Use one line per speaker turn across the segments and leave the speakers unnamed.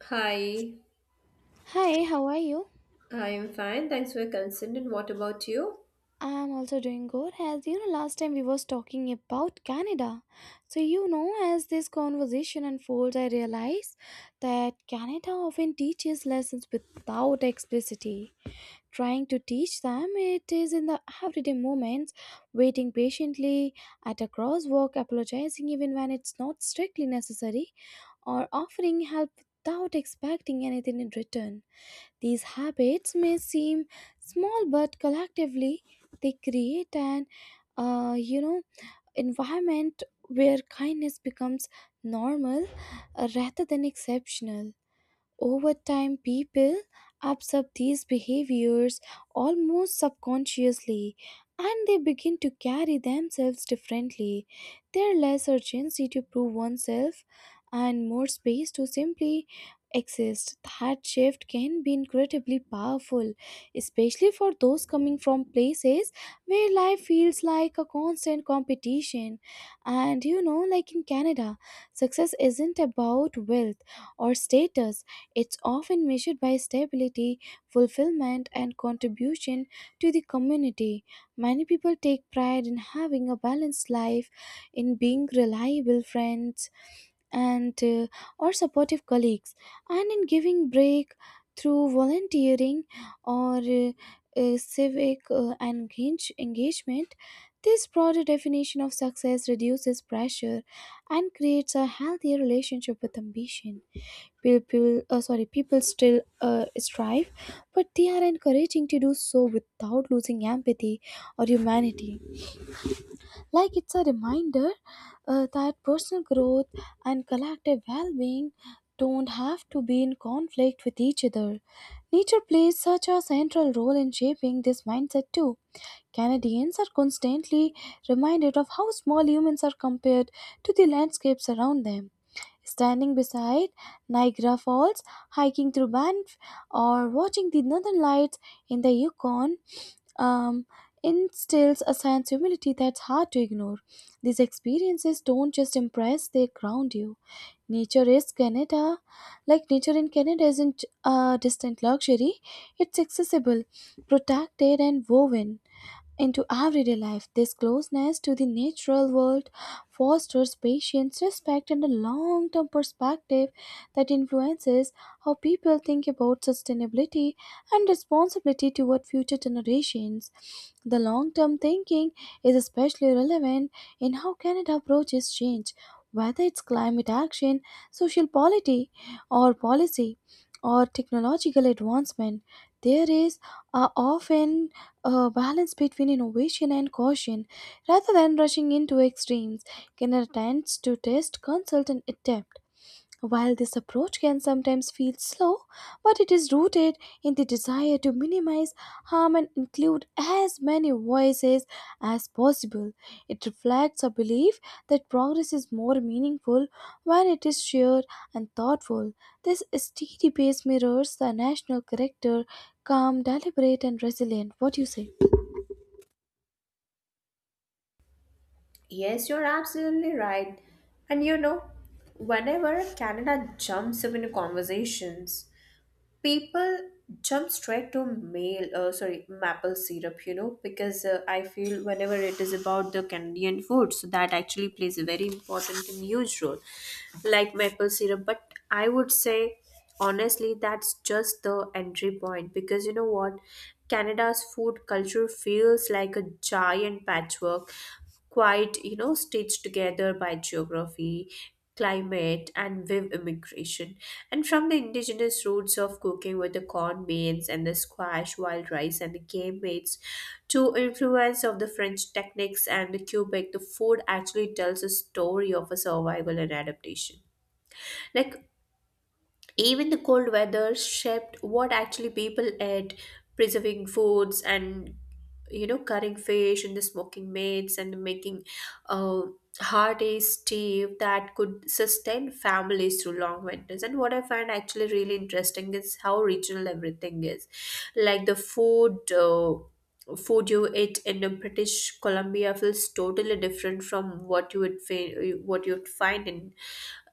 Hi,
Hi, how are you?
I am fine. Thanks for your concern. And what about you?
I'm also doing good. As you know, last time we was talking about Canada. So you know, as this conversation unfolds, I realize that Canada often teaches lessons without explicitly trying to teach them. It is in the everyday moments, waiting patiently at a crosswalk, apologizing even when it's not strictly necessary, or offering help without expecting anything in return. These habits may seem small, but collectively they create an, uh, you know, environment where kindness becomes normal rather than exceptional. Over time, people absorb these behaviors almost subconsciously and they begin to carry themselves differently. There is less urgency to prove oneself and more space to simply exist. That shift can be incredibly powerful, especially for those coming from places where life feels like a constant competition. And you know, like in Canada, success isn't about wealth or status, it's often measured by stability, fulfillment, and contribution to the community. Many people take pride in having a balanced life, in being reliable friends and or supportive colleagues, and in giving break through volunteering or civic engagement. This broader definition of success reduces pressure and creates a healthier relationship with ambition. People still strive, but they are encouraging to do so without losing empathy or humanity. Like it's a reminder that personal growth and collective well-being don't have to be in conflict with each other. Nature plays such a central role in shaping this mindset too. Canadians are constantly reminded of how small humans are compared to the landscapes around them. Standing beside Niagara Falls, hiking through Banff, or watching the northern lights in the Yukon um, instills a sense of humility that's hard to ignore. These experiences don't just impress, they ground you. Nature is Canada. Like nature in Canada isn't a distant luxury, it's accessible, protected, and woven into everyday life. This closeness to the natural world fosters patience, respect, and a long term perspective that influences how people think about sustainability and responsibility toward future generations. The long term thinking is especially relevant in how Canada approaches change, whether it's climate action, social polity, or policy, or technological advancement. There is a often a balance between innovation and caution rather than rushing into extremes. Can attempts to test consult and adapt, while this approach can sometimes feel slow, but it is rooted in the desire to minimize harm and include as many voices as possible. It reflects a belief that progress is more meaningful when it is shared and thoughtful. This steady pace mirrors the national character, calm, deliberate, and resilient. What do you say?
Yes, you're absolutely right. And you know, whenever Canada jumps up into conversations, people jump straight to male sorry maple syrup, because I feel whenever it is about the Canadian food, so that actually plays a very important and huge role like maple syrup. But I would say, honestly, that's just the entry point because, you know what, Canada's food culture feels like a giant patchwork, quite, you know, stitched together by geography, climate, and with immigration, and from the indigenous roots of cooking with the corn, beans, and the squash, wild rice, and the game meats, to influence of the French techniques and the Quebec. The food actually tells a story of a survival and adaptation. Like, even the cold weather shaped what actually people ate, preserving foods and, you know, currying fish in the smoking meats, and making uh, hearty stew that could sustain families through long winters. And what I find actually really interesting is how regional everything is, like the food. Food you eat in the British Columbia feels totally different from what you'd find in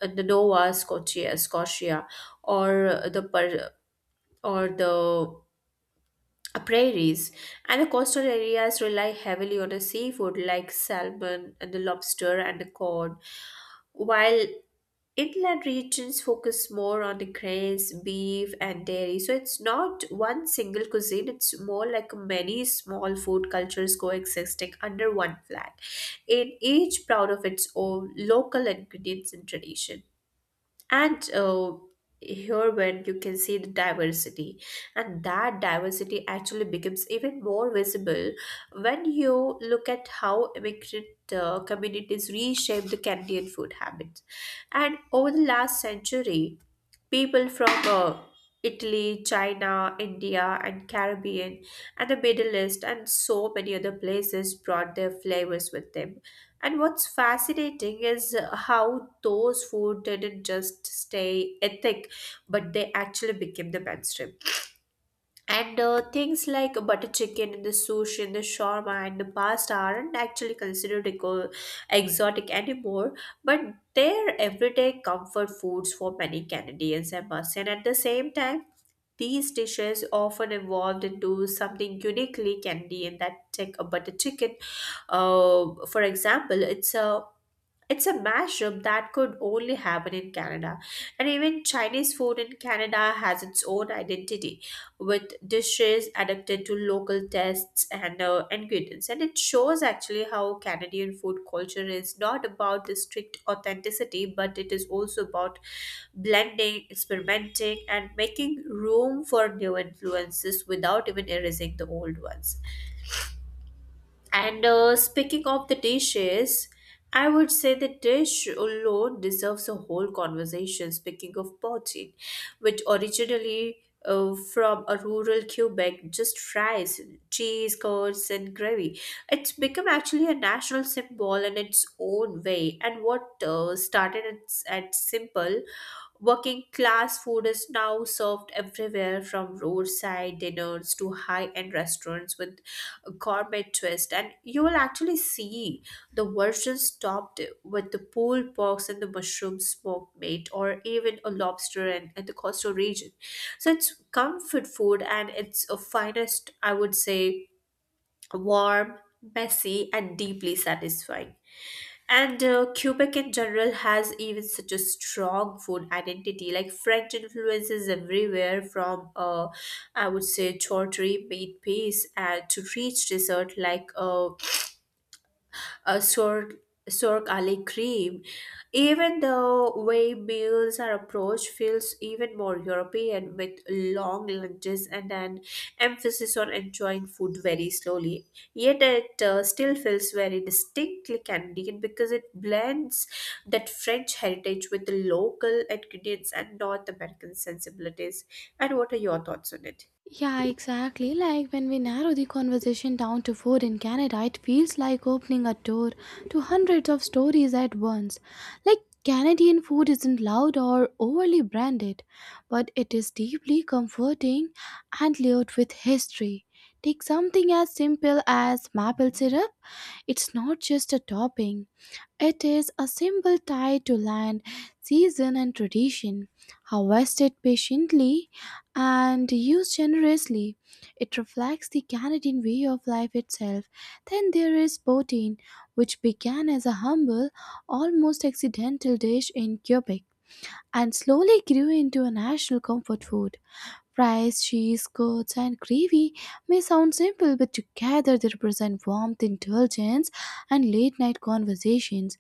the Nova Scotia, or or the prairies, and the coastal areas rely heavily on the seafood like salmon and the lobster and the cod, while inland regions focus more on the grains, beef, and dairy. So it's not one single cuisine; it's more like many small food cultures coexisting under one flag, in each proud of its own local ingredients and tradition. And here when you can see the diversity, and that diversity actually becomes even more visible when you look at how immigrant communities reshape the Canadian food habits, and over the last century, people from Italy, China, India, and Caribbean, and the Middle East, and so many other places brought their flavors with them. And what's fascinating is how those food didn't just stay ethnic, but they actually became the mainstream. And things like butter chicken and the sushi and the shawarma and the pasta aren't actually considered exotic anymore, but they're everyday comfort foods for many Canadians, I must say. And at the same time, these dishes often evolved into something uniquely Canadian that take a butter chicken. For example, it's a mashup that could only happen in Canada. And even Chinese food in Canada has its own identity, with dishes adapted to local tastes and ingredients. And it shows actually how Canadian food culture is not about the strict authenticity, but it is also about blending, experimenting, and making room for new influences without even erasing the old ones. And speaking of the dishes, I would say the dish alone deserves a whole conversation. Speaking of poutine, which originally from a rural Quebec, just fries, cheese, curds, and gravy. It's become actually a national symbol in its own way. And what started as at simple working class food is now served everywhere from roadside dinners to high end restaurants with a gourmet twist. And you will actually see the versions topped with the pulled porks and the mushroom smoked meat, or even a lobster and the coastal region. So it's comfort food and it's a finest, I would say, warm, messy, and deeply satisfying. And Quebec in general has even such a strong food identity. Like French influences everywhere from, I would say, tortilla, baked pies, and to rich dessert like a Cirque Ali cream. Even the way meals are approached feels even more European with long lunches and an emphasis on enjoying food very slowly. Yet it still feels very distinctly Canadian because it blends that French heritage with the local ingredients and North American sensibilities. And what are your thoughts on it?
Yeah, exactly. Like when we narrow the conversation down to food in Canada, it feels like opening a door to hundreds of stories at once. Like Canadian food isn't loud or overly branded, but it is deeply comforting and layered with history. Take something as simple as maple syrup. It's not just a topping. It is a symbol tied to land, season, and tradition. Harvested patiently and used generously, it reflects the Canadian way of life itself. Then there is poutine, which began as a humble, almost accidental dish in Quebec and slowly grew into a national comfort food. Rice, cheese, curds, and gravy may sound simple, but together they represent warmth, indulgence, and late night conversations.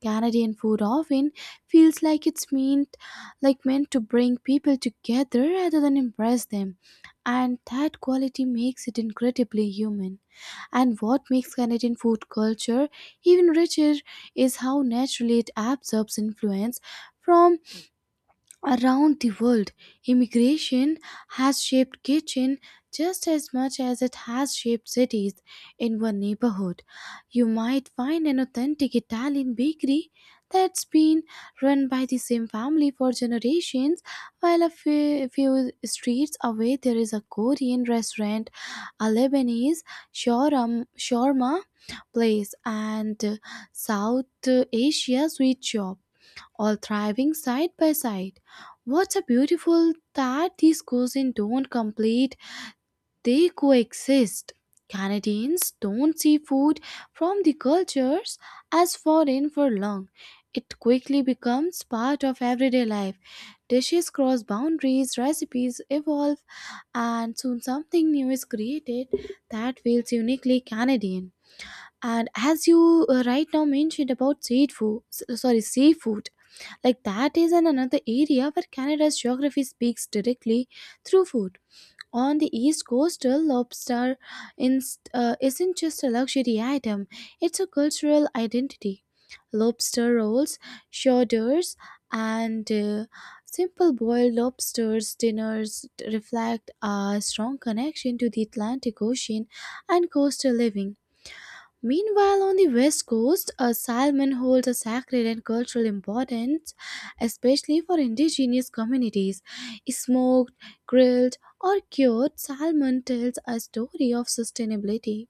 Canadian food often feels like it's meant meant to bring people together rather than impress them. And that quality makes it incredibly human. And what makes Canadian food culture even richer is how naturally it absorbs influence from around the world. Immigration has shaped kitchen just as much as it has shaped cities. In one neighborhood, you might find an authentic Italian bakery that's been run by the same family for generations, while few streets away there is a Korean restaurant, a Lebanese shawarma place, and South Asia sweet shop all thriving side by side. What's a beautiful that these cuisines don't complete, they coexist. Canadians don't see food from the cultures as foreign for long. It quickly becomes part of everyday life. Dishes cross boundaries, recipes evolve, and soon something new is created that feels uniquely Canadian. And as you right now mentioned about seafood, like that is an another area where Canada's geography speaks directly through food. On the east coast, lobster isn't just a luxury item; it's a cultural identity. Lobster rolls, shodders, and simple boiled lobsters dinners reflect a strong connection to the Atlantic Ocean and coastal living. Meanwhile, on the west coast, a salmon holds a sacred and cultural importance, especially for indigenous communities. Smoked, grilled, or cured, salmon tells a story of sustainability,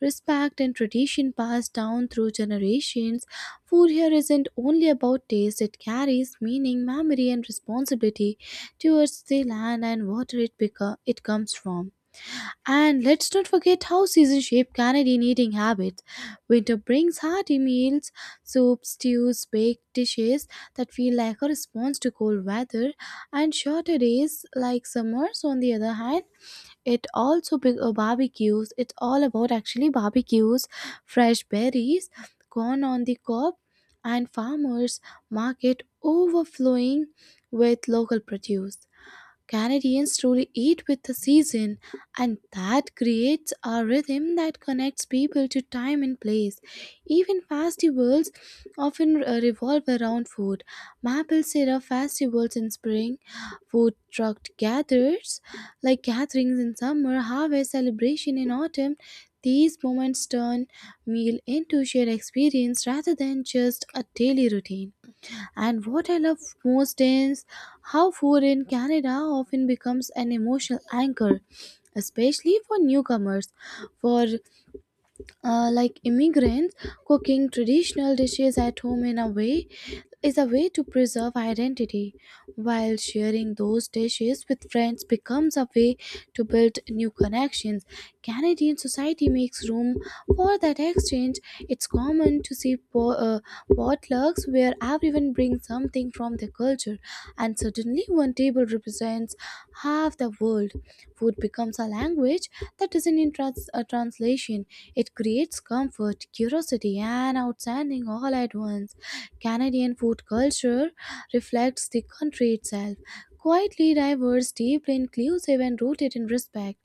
respect, and tradition passed down through generations. Food here isn't only about taste, it carries meaning, memory, and responsibility towards the land and water it comes from. And let's not forget how seasons shape Canadian eating habits. Winter brings hearty meals, soups, stews, baked dishes that feel like a response to cold weather and shorter days. Like summers, on the other hand, it also big barbecues. It's all about actually barbecues, fresh berries, corn on the cob, and farmers market overflowing with local produce. Canadians truly eat with the season, and that creates a rhythm that connects people to time and place. Even festivals often revolve around food. Maple syrup festivals in spring, food truck gathers like gatherings in summer, harvest celebration in autumn. These moments turn meal into shared experience rather than just a daily routine. And what I love most is how food in Canada often becomes an emotional anchor, especially for newcomers. For like immigrants, cooking traditional dishes at home in a way is a way to preserve identity, while sharing those dishes with friends becomes a way to build new connections. Canadian society makes room for that exchange. It's common to see potlucks where everyone brings something from their culture, and suddenly one table represents half the world. Food becomes a language that isn't a translation. It creates comfort, curiosity, and outstanding all at once. Canadian food culture reflects the country itself. Quietly diverse, deeply inclusive, and rooted in respect.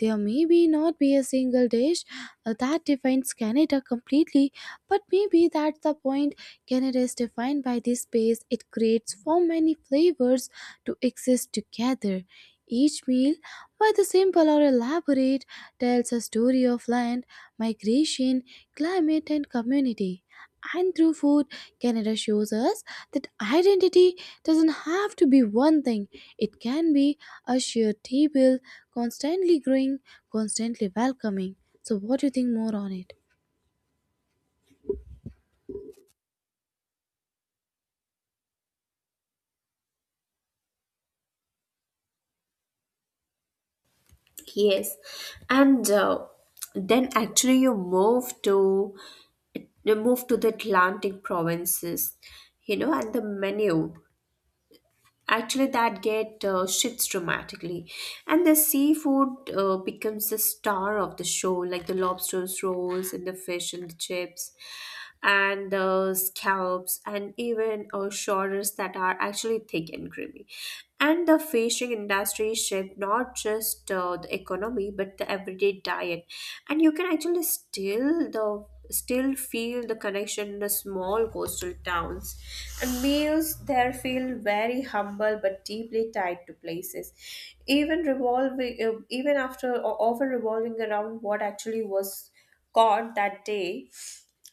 There may be not be a single dish that defines Canada completely, but maybe that's the point. Canada is defined by this space it creates for many flavors to exist together. Each meal why the simple or elaborate tells a story of land, migration, climate, and community. And through food, Canada shows us that identity doesn't have to be one thing, it can be a shared table, constantly growing, constantly welcoming. So, what do you think more on it?
Yes, and then actually you move to they moved to the Atlantic provinces, you know, and the menu. Actually, that get shifts dramatically, and the seafood becomes the star of the show, like the lobsters, rolls, and the fish and the chips, and the scallops, and even shoulders that are actually thick and creamy. And the fishing industry shaped not just the economy but the everyday diet, and you can actually still feel the connection in the small coastal towns. And meals there feel very humble but deeply tied to places, even revolving, even after o- often revolving around what actually was caught that day.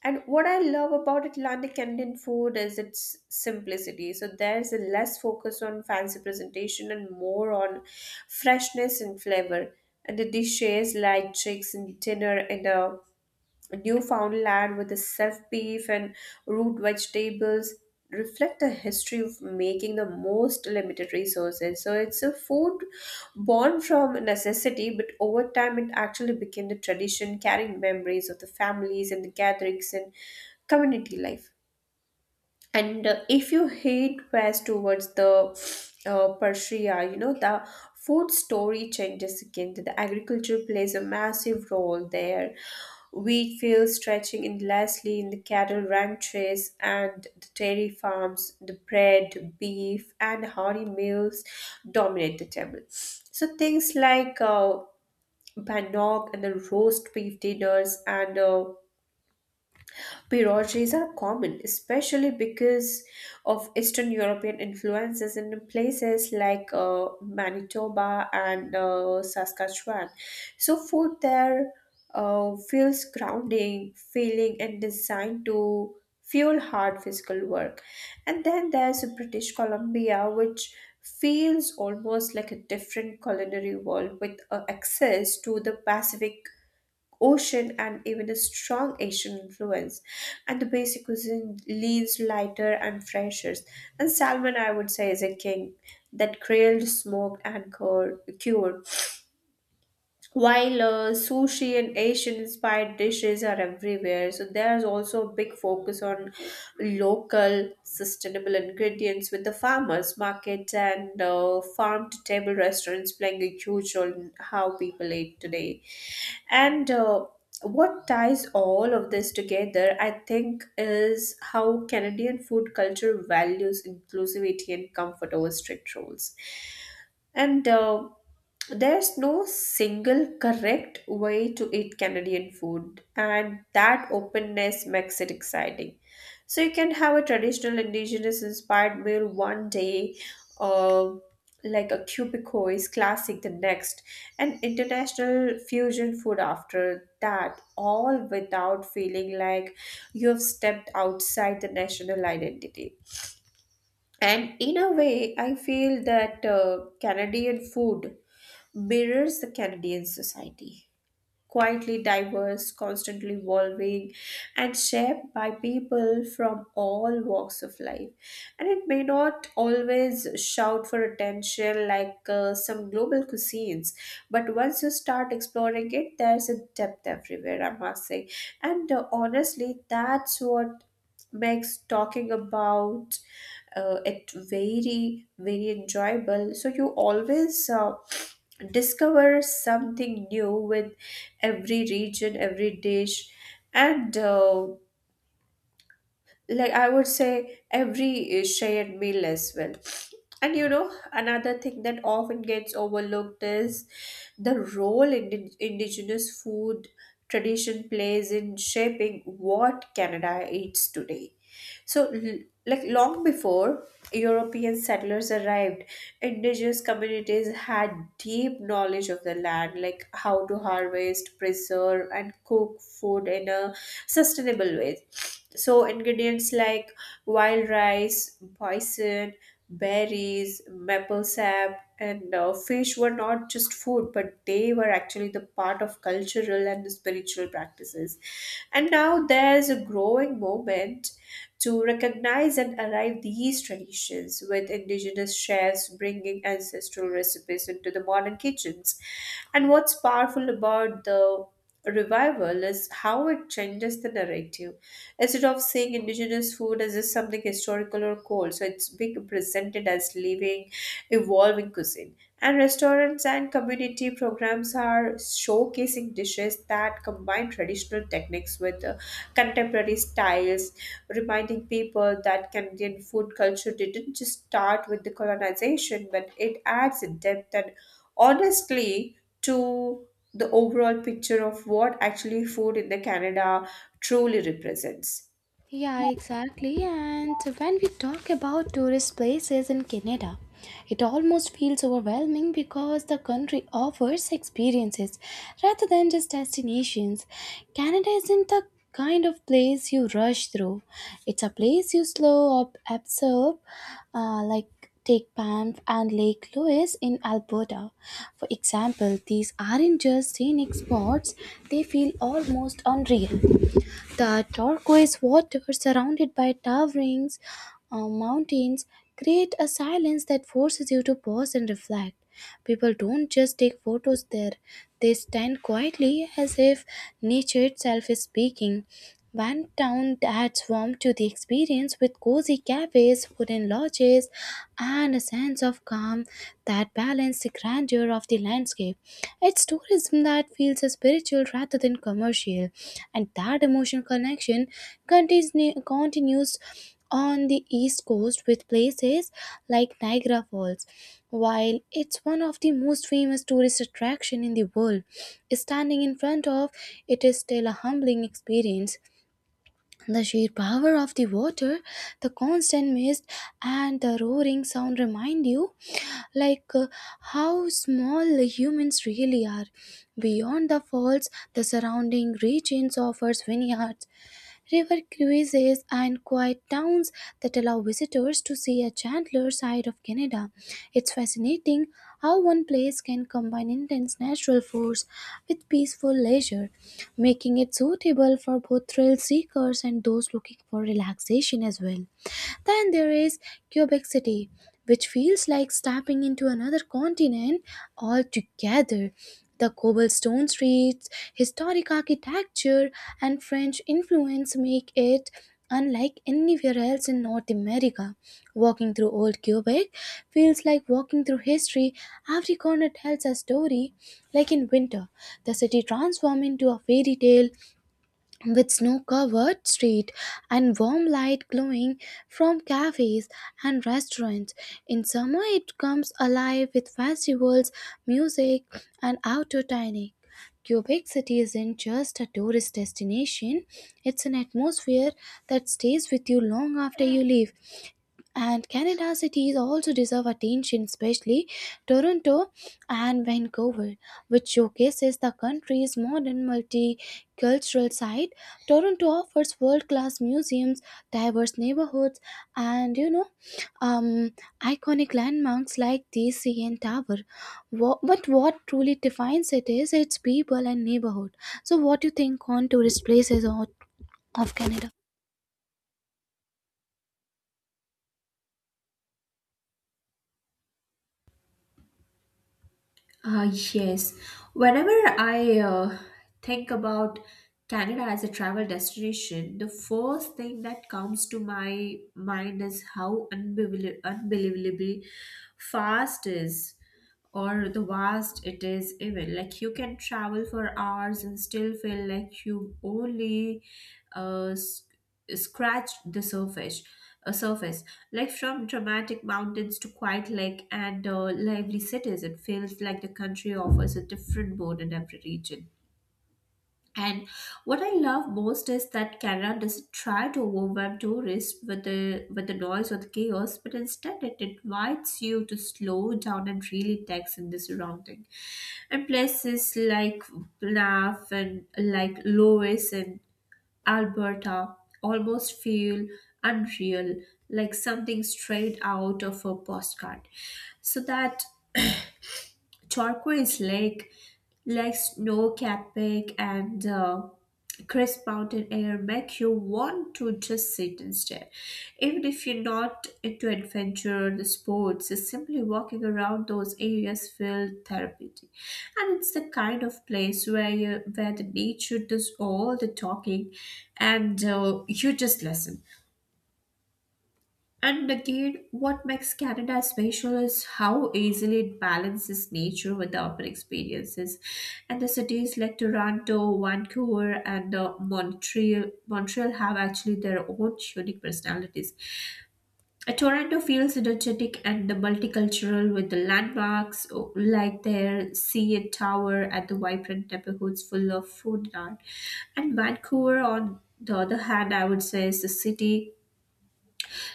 And what I love about Atlantic Indian food is its simplicity. So there's a less focus on fancy presentation and more on freshness and flavor. And the dishes like chicks and dinner and a Newfoundland with its self beef and root vegetables reflect a history of making the most limited resources. So it's a food born from necessity, but over time it actually became the tradition, carrying memories of the families and the gatherings and community life. And if you head west towards the Persia, you know, the food story changes again. The agriculture plays a massive role there. Wheat fields stretching endlessly in the cattle ranches and the dairy farms, the bread, beef, and hearty meals dominate the table. So things like bannock and the roast beef dinners and Pierogies are common, especially because of Eastern European influences in places like Manitoba and Saskatchewan. So, food there feels grounding, feeling, and designed to fuel hard physical work. And then there's British Columbia, which feels almost like a different culinary world with access to the Pacific Ocean and even a strong Asian influence. And the basic cuisine leans lighter and fresher. And salmon, I would say, is a king that grilled, smoked, and cured. While sushi and Asian inspired dishes are everywhere, so there's also a big focus on local sustainable ingredients with the farmers markets and farm to table restaurants playing a huge role in how people eat today. And what ties all of this together, I think, is how Canadian food culture values inclusivity and comfort over strict rules. And there's no single correct way to eat Canadian food, and that openness makes it exciting. So you can have a traditional indigenous inspired meal one day, uh, like a cubicois classic the next, and international fusion food after that, all without feeling like you have stepped outside the national identity. And in a way, I feel that Canadian food mirrors the Canadian society. Quietly diverse, constantly evolving, and shaped by people from all walks of life. And it may not always shout for attention like some global cuisines, but once you start exploring it, there's a depth everywhere, I must say. And honestly, that's what makes talking about it very, very enjoyable, so you always discover something new with every region, every dish, and like I would say every shared meal as well. And you know, another thing that often gets overlooked is the role indigenous food tradition plays in shaping what Canada eats today. So like, long before European settlers arrived, indigenous communities had deep knowledge of the land, like how to harvest, preserve, and cook food in a sustainable way. So, ingredients like wild rice, bison, berries, maple sap, and fish were not just food, but they were actually the part of cultural and spiritual practices. And now there's a growing movement to recognize and arrive these traditions, with indigenous chefs bringing ancestral recipes into the modern kitchens. And what's powerful about the revival is how it changes the narrative. Instead of seeing indigenous food as just something historical or cold, so it's being presented as living, evolving cuisine, and restaurants and community programs are showcasing dishes that combine traditional techniques with contemporary styles, reminding people that Canadian food culture didn't just start with the colonization, but it adds a depth and honestly to the overall picture of what actually food in the Canada truly represents.
Yeah, exactly. And when we talk about tourist places in Canada, it almost feels overwhelming because the country offers experiences rather than just destinations. Canada isn't the kind of place you rush through, it's a place you slow up, observe, like take Banff and Lake Louise in Alberta. For example, these aren't just scenic spots, they feel almost unreal. The turquoise water, surrounded by towering mountains, create a silence that forces you to pause and reflect. People don't just take photos there; they stand quietly as if nature itself is speaking. One town adds warmth to the experience with cozy cafes, wooden lodges, and a sense of calm that balance the grandeur of the landscape. It's tourism that feels spiritual rather than commercial, and that emotional connection continues on the east coast with places like Niagara Falls. While it's one of the most famous tourist attraction in the world, standing in front of it is still a humbling experience. The sheer power of the water, the constant mist, and the roaring sound remind you like uh, how small the humans really are. Beyond the falls, the surrounding regions offers vineyards, river cruises, and quiet towns that allow visitors to see a gentler side of Canada. It's fascinating how one place can combine intense natural force with peaceful leisure, making it suitable for both thrill seekers and those looking for relaxation as well. Then there is Quebec City, which feels like stepping into another continent altogether. The cobblestone streets, historic architecture, and French influence make it unlike anywhere else in North America. Walking through old Quebec feels like walking through history. Every corner tells a story. Like in winter, the city transforms into a fairy tale, with snow covered street and warm light glowing from cafes and restaurants. In summer, it comes alive with festivals, music, and outdoor dining. Quebec City isn't just a tourist destination, it's an atmosphere that stays with you long after you leave. And Canada cities also deserve attention, especially Toronto and Vancouver, which showcases the country's modern multicultural side. Toronto offers world-class museums, diverse neighborhoods, and um, iconic landmarks like the CN Tower. But what truly defines it is its people and neighborhood. So, what do you think on tourist places or of Canada?
Ah, yes. Whenever I think about Canada as a travel destination, the first thing that comes to my mind is how unbelievably fast is. Or the vast it is, even like you can travel for hours and still feel like you only uh, s- scratched the surface like from dramatic mountains to quiet lake and lively cities. It feels like the country offers a different mood in every region, and what I love most is that Canada doesn't try to overwhelm tourists with the noise or the chaos, but instead it invites you to slow down and really take in the surrounding. And places like Banff and like Lois and Alberta almost feel unreal, like something straight out of a postcard so that Turquoise Lake, like snow-capped peak and crisp mountain air make you want to just sit and stare. Even if you're not into adventure or the sports, just simply walking around those areas feel therapeutic. And it's the kind of place where the nature does all the talking and you just listen. And again, what makes Canada special is how easily it balances nature with the urban experiences. And the cities like Toronto, Vancouver, and Montreal have actually their own unique personalities. Toronto feels energetic and the multicultural with the landmarks like their CN Tower and the vibrant neighborhoods full of food and art. And Vancouver, on the other hand, I would say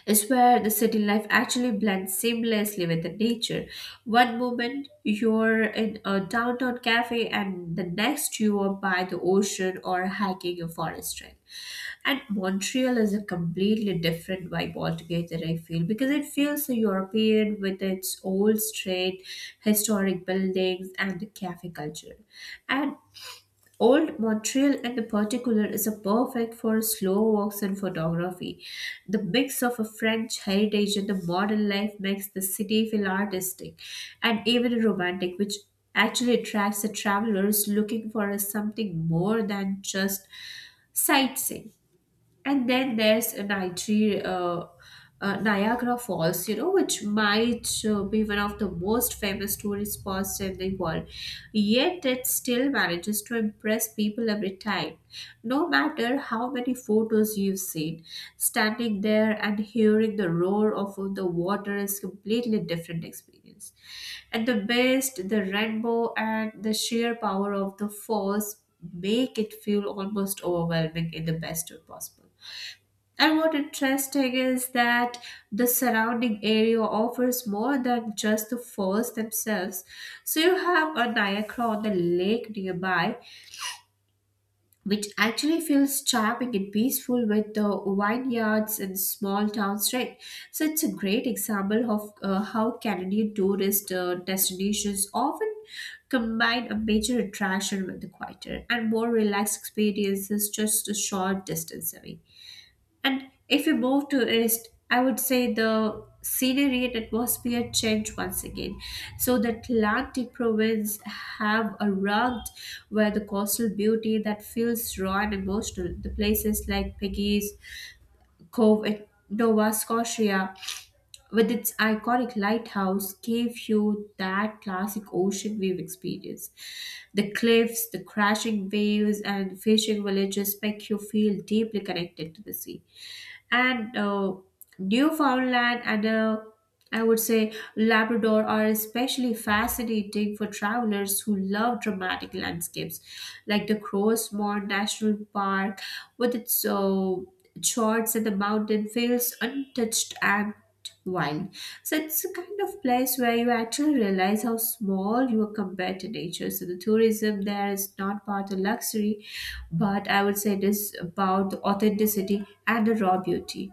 is where the city life actually blends seamlessly with the nature. One moment you're in a downtown cafe, and the next you are by the ocean or hiking a forest trail. And Montreal is a completely different vibe altogether, I feel, because it feels so European with its old street, historic buildings, and the cafe culture. And Old Montreal, in the particular, is a perfect for slow walks and photography. The mix of a French heritage and the modern life makes the city feel artistic and even romantic, which actually attracts the travelers looking for something more than just sightseeing. And then Niagara Falls, you know, which might be one of the most famous tourist spots in the world. Yet it still manages to impress people every time, no matter how many photos you've seen. Standing there and hearing the roar of the water is completely different experience. And the mist, the rainbow, and the sheer power of the force make it feel almost overwhelming in the best way possible. And what interesting is that the surrounding area offers more than just the falls themselves. So you have a Niagara on the lake nearby, which actually feels charming and peaceful with the vineyards and small town straight. So it's a great example of how Canadian tourist destinations often combine a major attraction with the quieter and more relaxed experiences just a short distance away. And if you move to east, I would say the scenery and atmosphere change once again. So the Atlantic province have a rugged where the coastal beauty that feels raw and emotional. The places like Peggy's Cove in Nova Scotia with its iconic lighthouse gave you that classic ocean wave experience. The cliffs, the crashing waves and fishing villages make you feel deeply connected to the sea and Newfoundland and I would say Labrador are especially fascinating for travelers who love dramatic landscapes, like the Crossmore National Park with its charts and the mountain fields untouched and wine. So it's a kind of place where you actually realize how small you are compared to nature. So the tourism there is not about the luxury, but I would say it is about the authenticity and the raw beauty.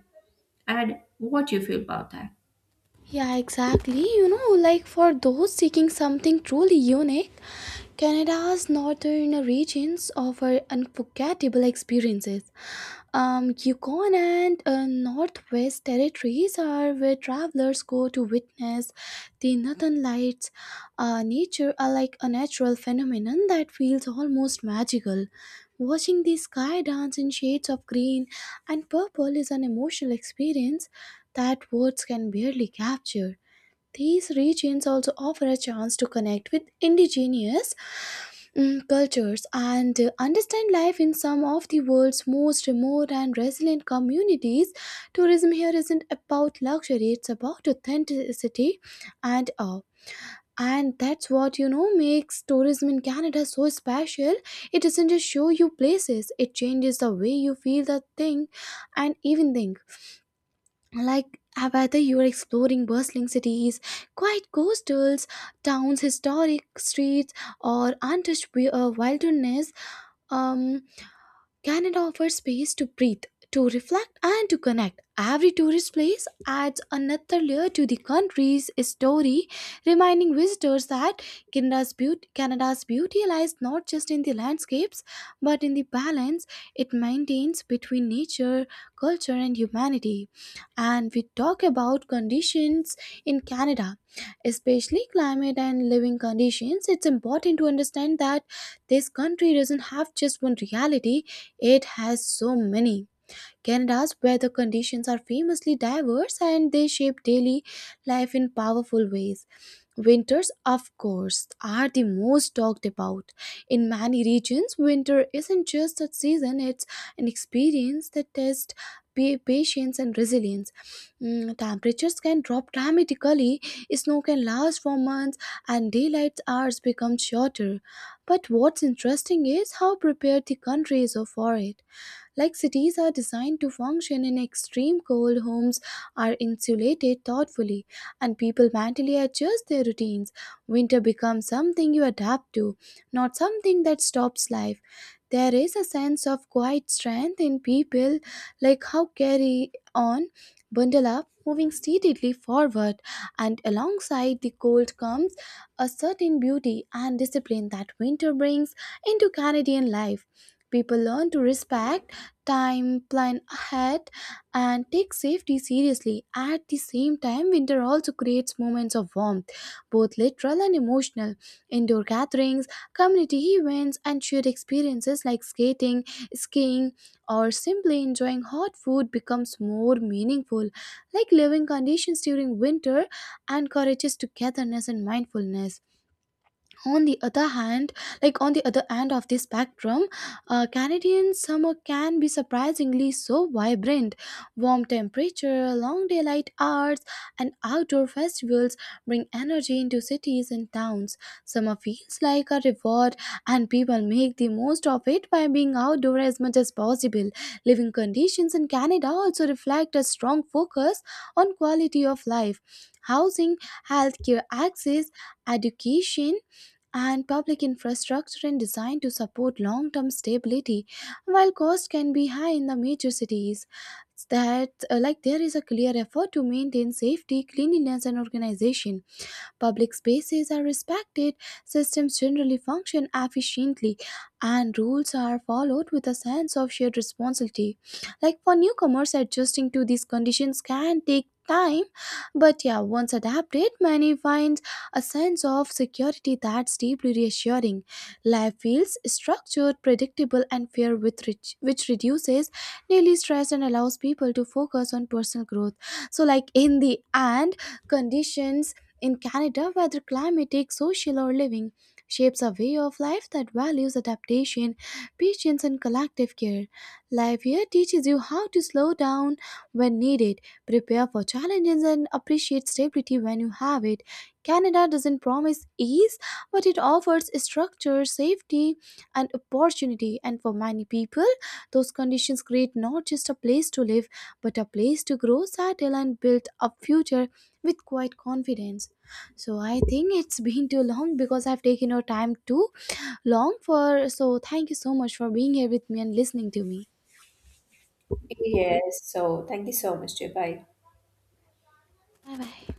And what do you feel about that?
Yeah, exactly. You know, like for those seeking something truly unique, Canada's northern regions offer unforgettable experiences. Yukon and Northwest territories are where travelers go to witness the northern lights. Nature are like a natural phenomenon that feels almost magical. Watching the sky dance in shades of green and purple is an emotional experience that words can barely capture. These regions also offer a chance to connect with indigenous cultures and understand life in some of the world's most remote and resilient communities. Tourism here isn't about luxury, it's about authenticity and awe. And that's what makes tourism in Canada so special. It doesn't just show you places, it changes the way you feel the thing and even think, like whether you're exploring bustling cities, quiet coastals, towns, historic streets, or untouched wilderness. um, Canada offers space to breathe, to reflect, and to connect. Every tourist place adds another layer to the country's story, reminding visitors that Canada's beauty lies not just in the landscapes, but in the balance it maintains between nature, culture, and humanity. And we talk about conditions in Canada, especially climate and living conditions. It's important to understand that this country doesn't have just one reality, it has so many. Canada's weather conditions are famously diverse and they shape daily life in powerful ways. Winters, of course, are the most talked about. In many regions, winter isn't just a season, it's an experience that tests patience and resilience. Temperatures can drop dramatically, snow can last for months, and daylight hours become shorter. But what's interesting is how prepared the country is for it. Like, cities are designed to function in extreme cold, homes are insulated thoughtfully, and people mentally adjust their routines. Winter becomes something you adapt to, not something that stops life. There is a sense of quiet strength in people, like how carry on, bundle up, moving steadily forward, and alongside the cold comes a certain beauty and discipline that winter brings into Canadian life. People learn to respect time, plan ahead, and take safety seriously. At the same time, winter also creates moments of warmth, both literal and emotional. Indoor gatherings, community events, and shared experiences like skating, skiing, or simply enjoying hot food becomes more meaningful. Like, living conditions during winter encourages togetherness and mindfulness. On the other hand, like on the other end of the spectrum, Canadian summer can be surprisingly so vibrant. Warm temperature, long daylight hours, and outdoor festivals bring energy into cities and towns. Summer feels like a reward, and people make the most of it by being outdoor as much as possible. Living conditions in Canada also reflect a strong focus on quality of life. Housing, healthcare access, education, and public infrastructure and design to support long term stability. While costs can be high in the major cities, that like, there is a clear effort to maintain safety, cleanliness, and organization. Public spaces are respected, systems generally function efficiently, and rules are followed with a sense of shared responsibility. Like, for newcomers, adjusting to these conditions can take time, but yeah, once adapted many find a sense of security that's deeply reassuring. Life feels structured, predictable, and fair with rich, which reduces daily stress and allows people to focus on personal growth. So, like, in the end, conditions in Canada, whether climatic, social, or living, shapes a way of life that values adaptation, patience, and collective care. Life here teaches you how to slow down when needed, prepare for challenges, and appreciate stability when you have it. Canada doesn't promise ease, but it offers structure, safety, and opportunity. And for many people, those conditions create not just a place to live, but a place to grow, settle, and build a future with quiet confidence. So I think it's been too long because I've taken your time too long for. So thank you so much for being here with me and listening to me.
Yes, so thank you so much, dear. Bye.
Bye bye.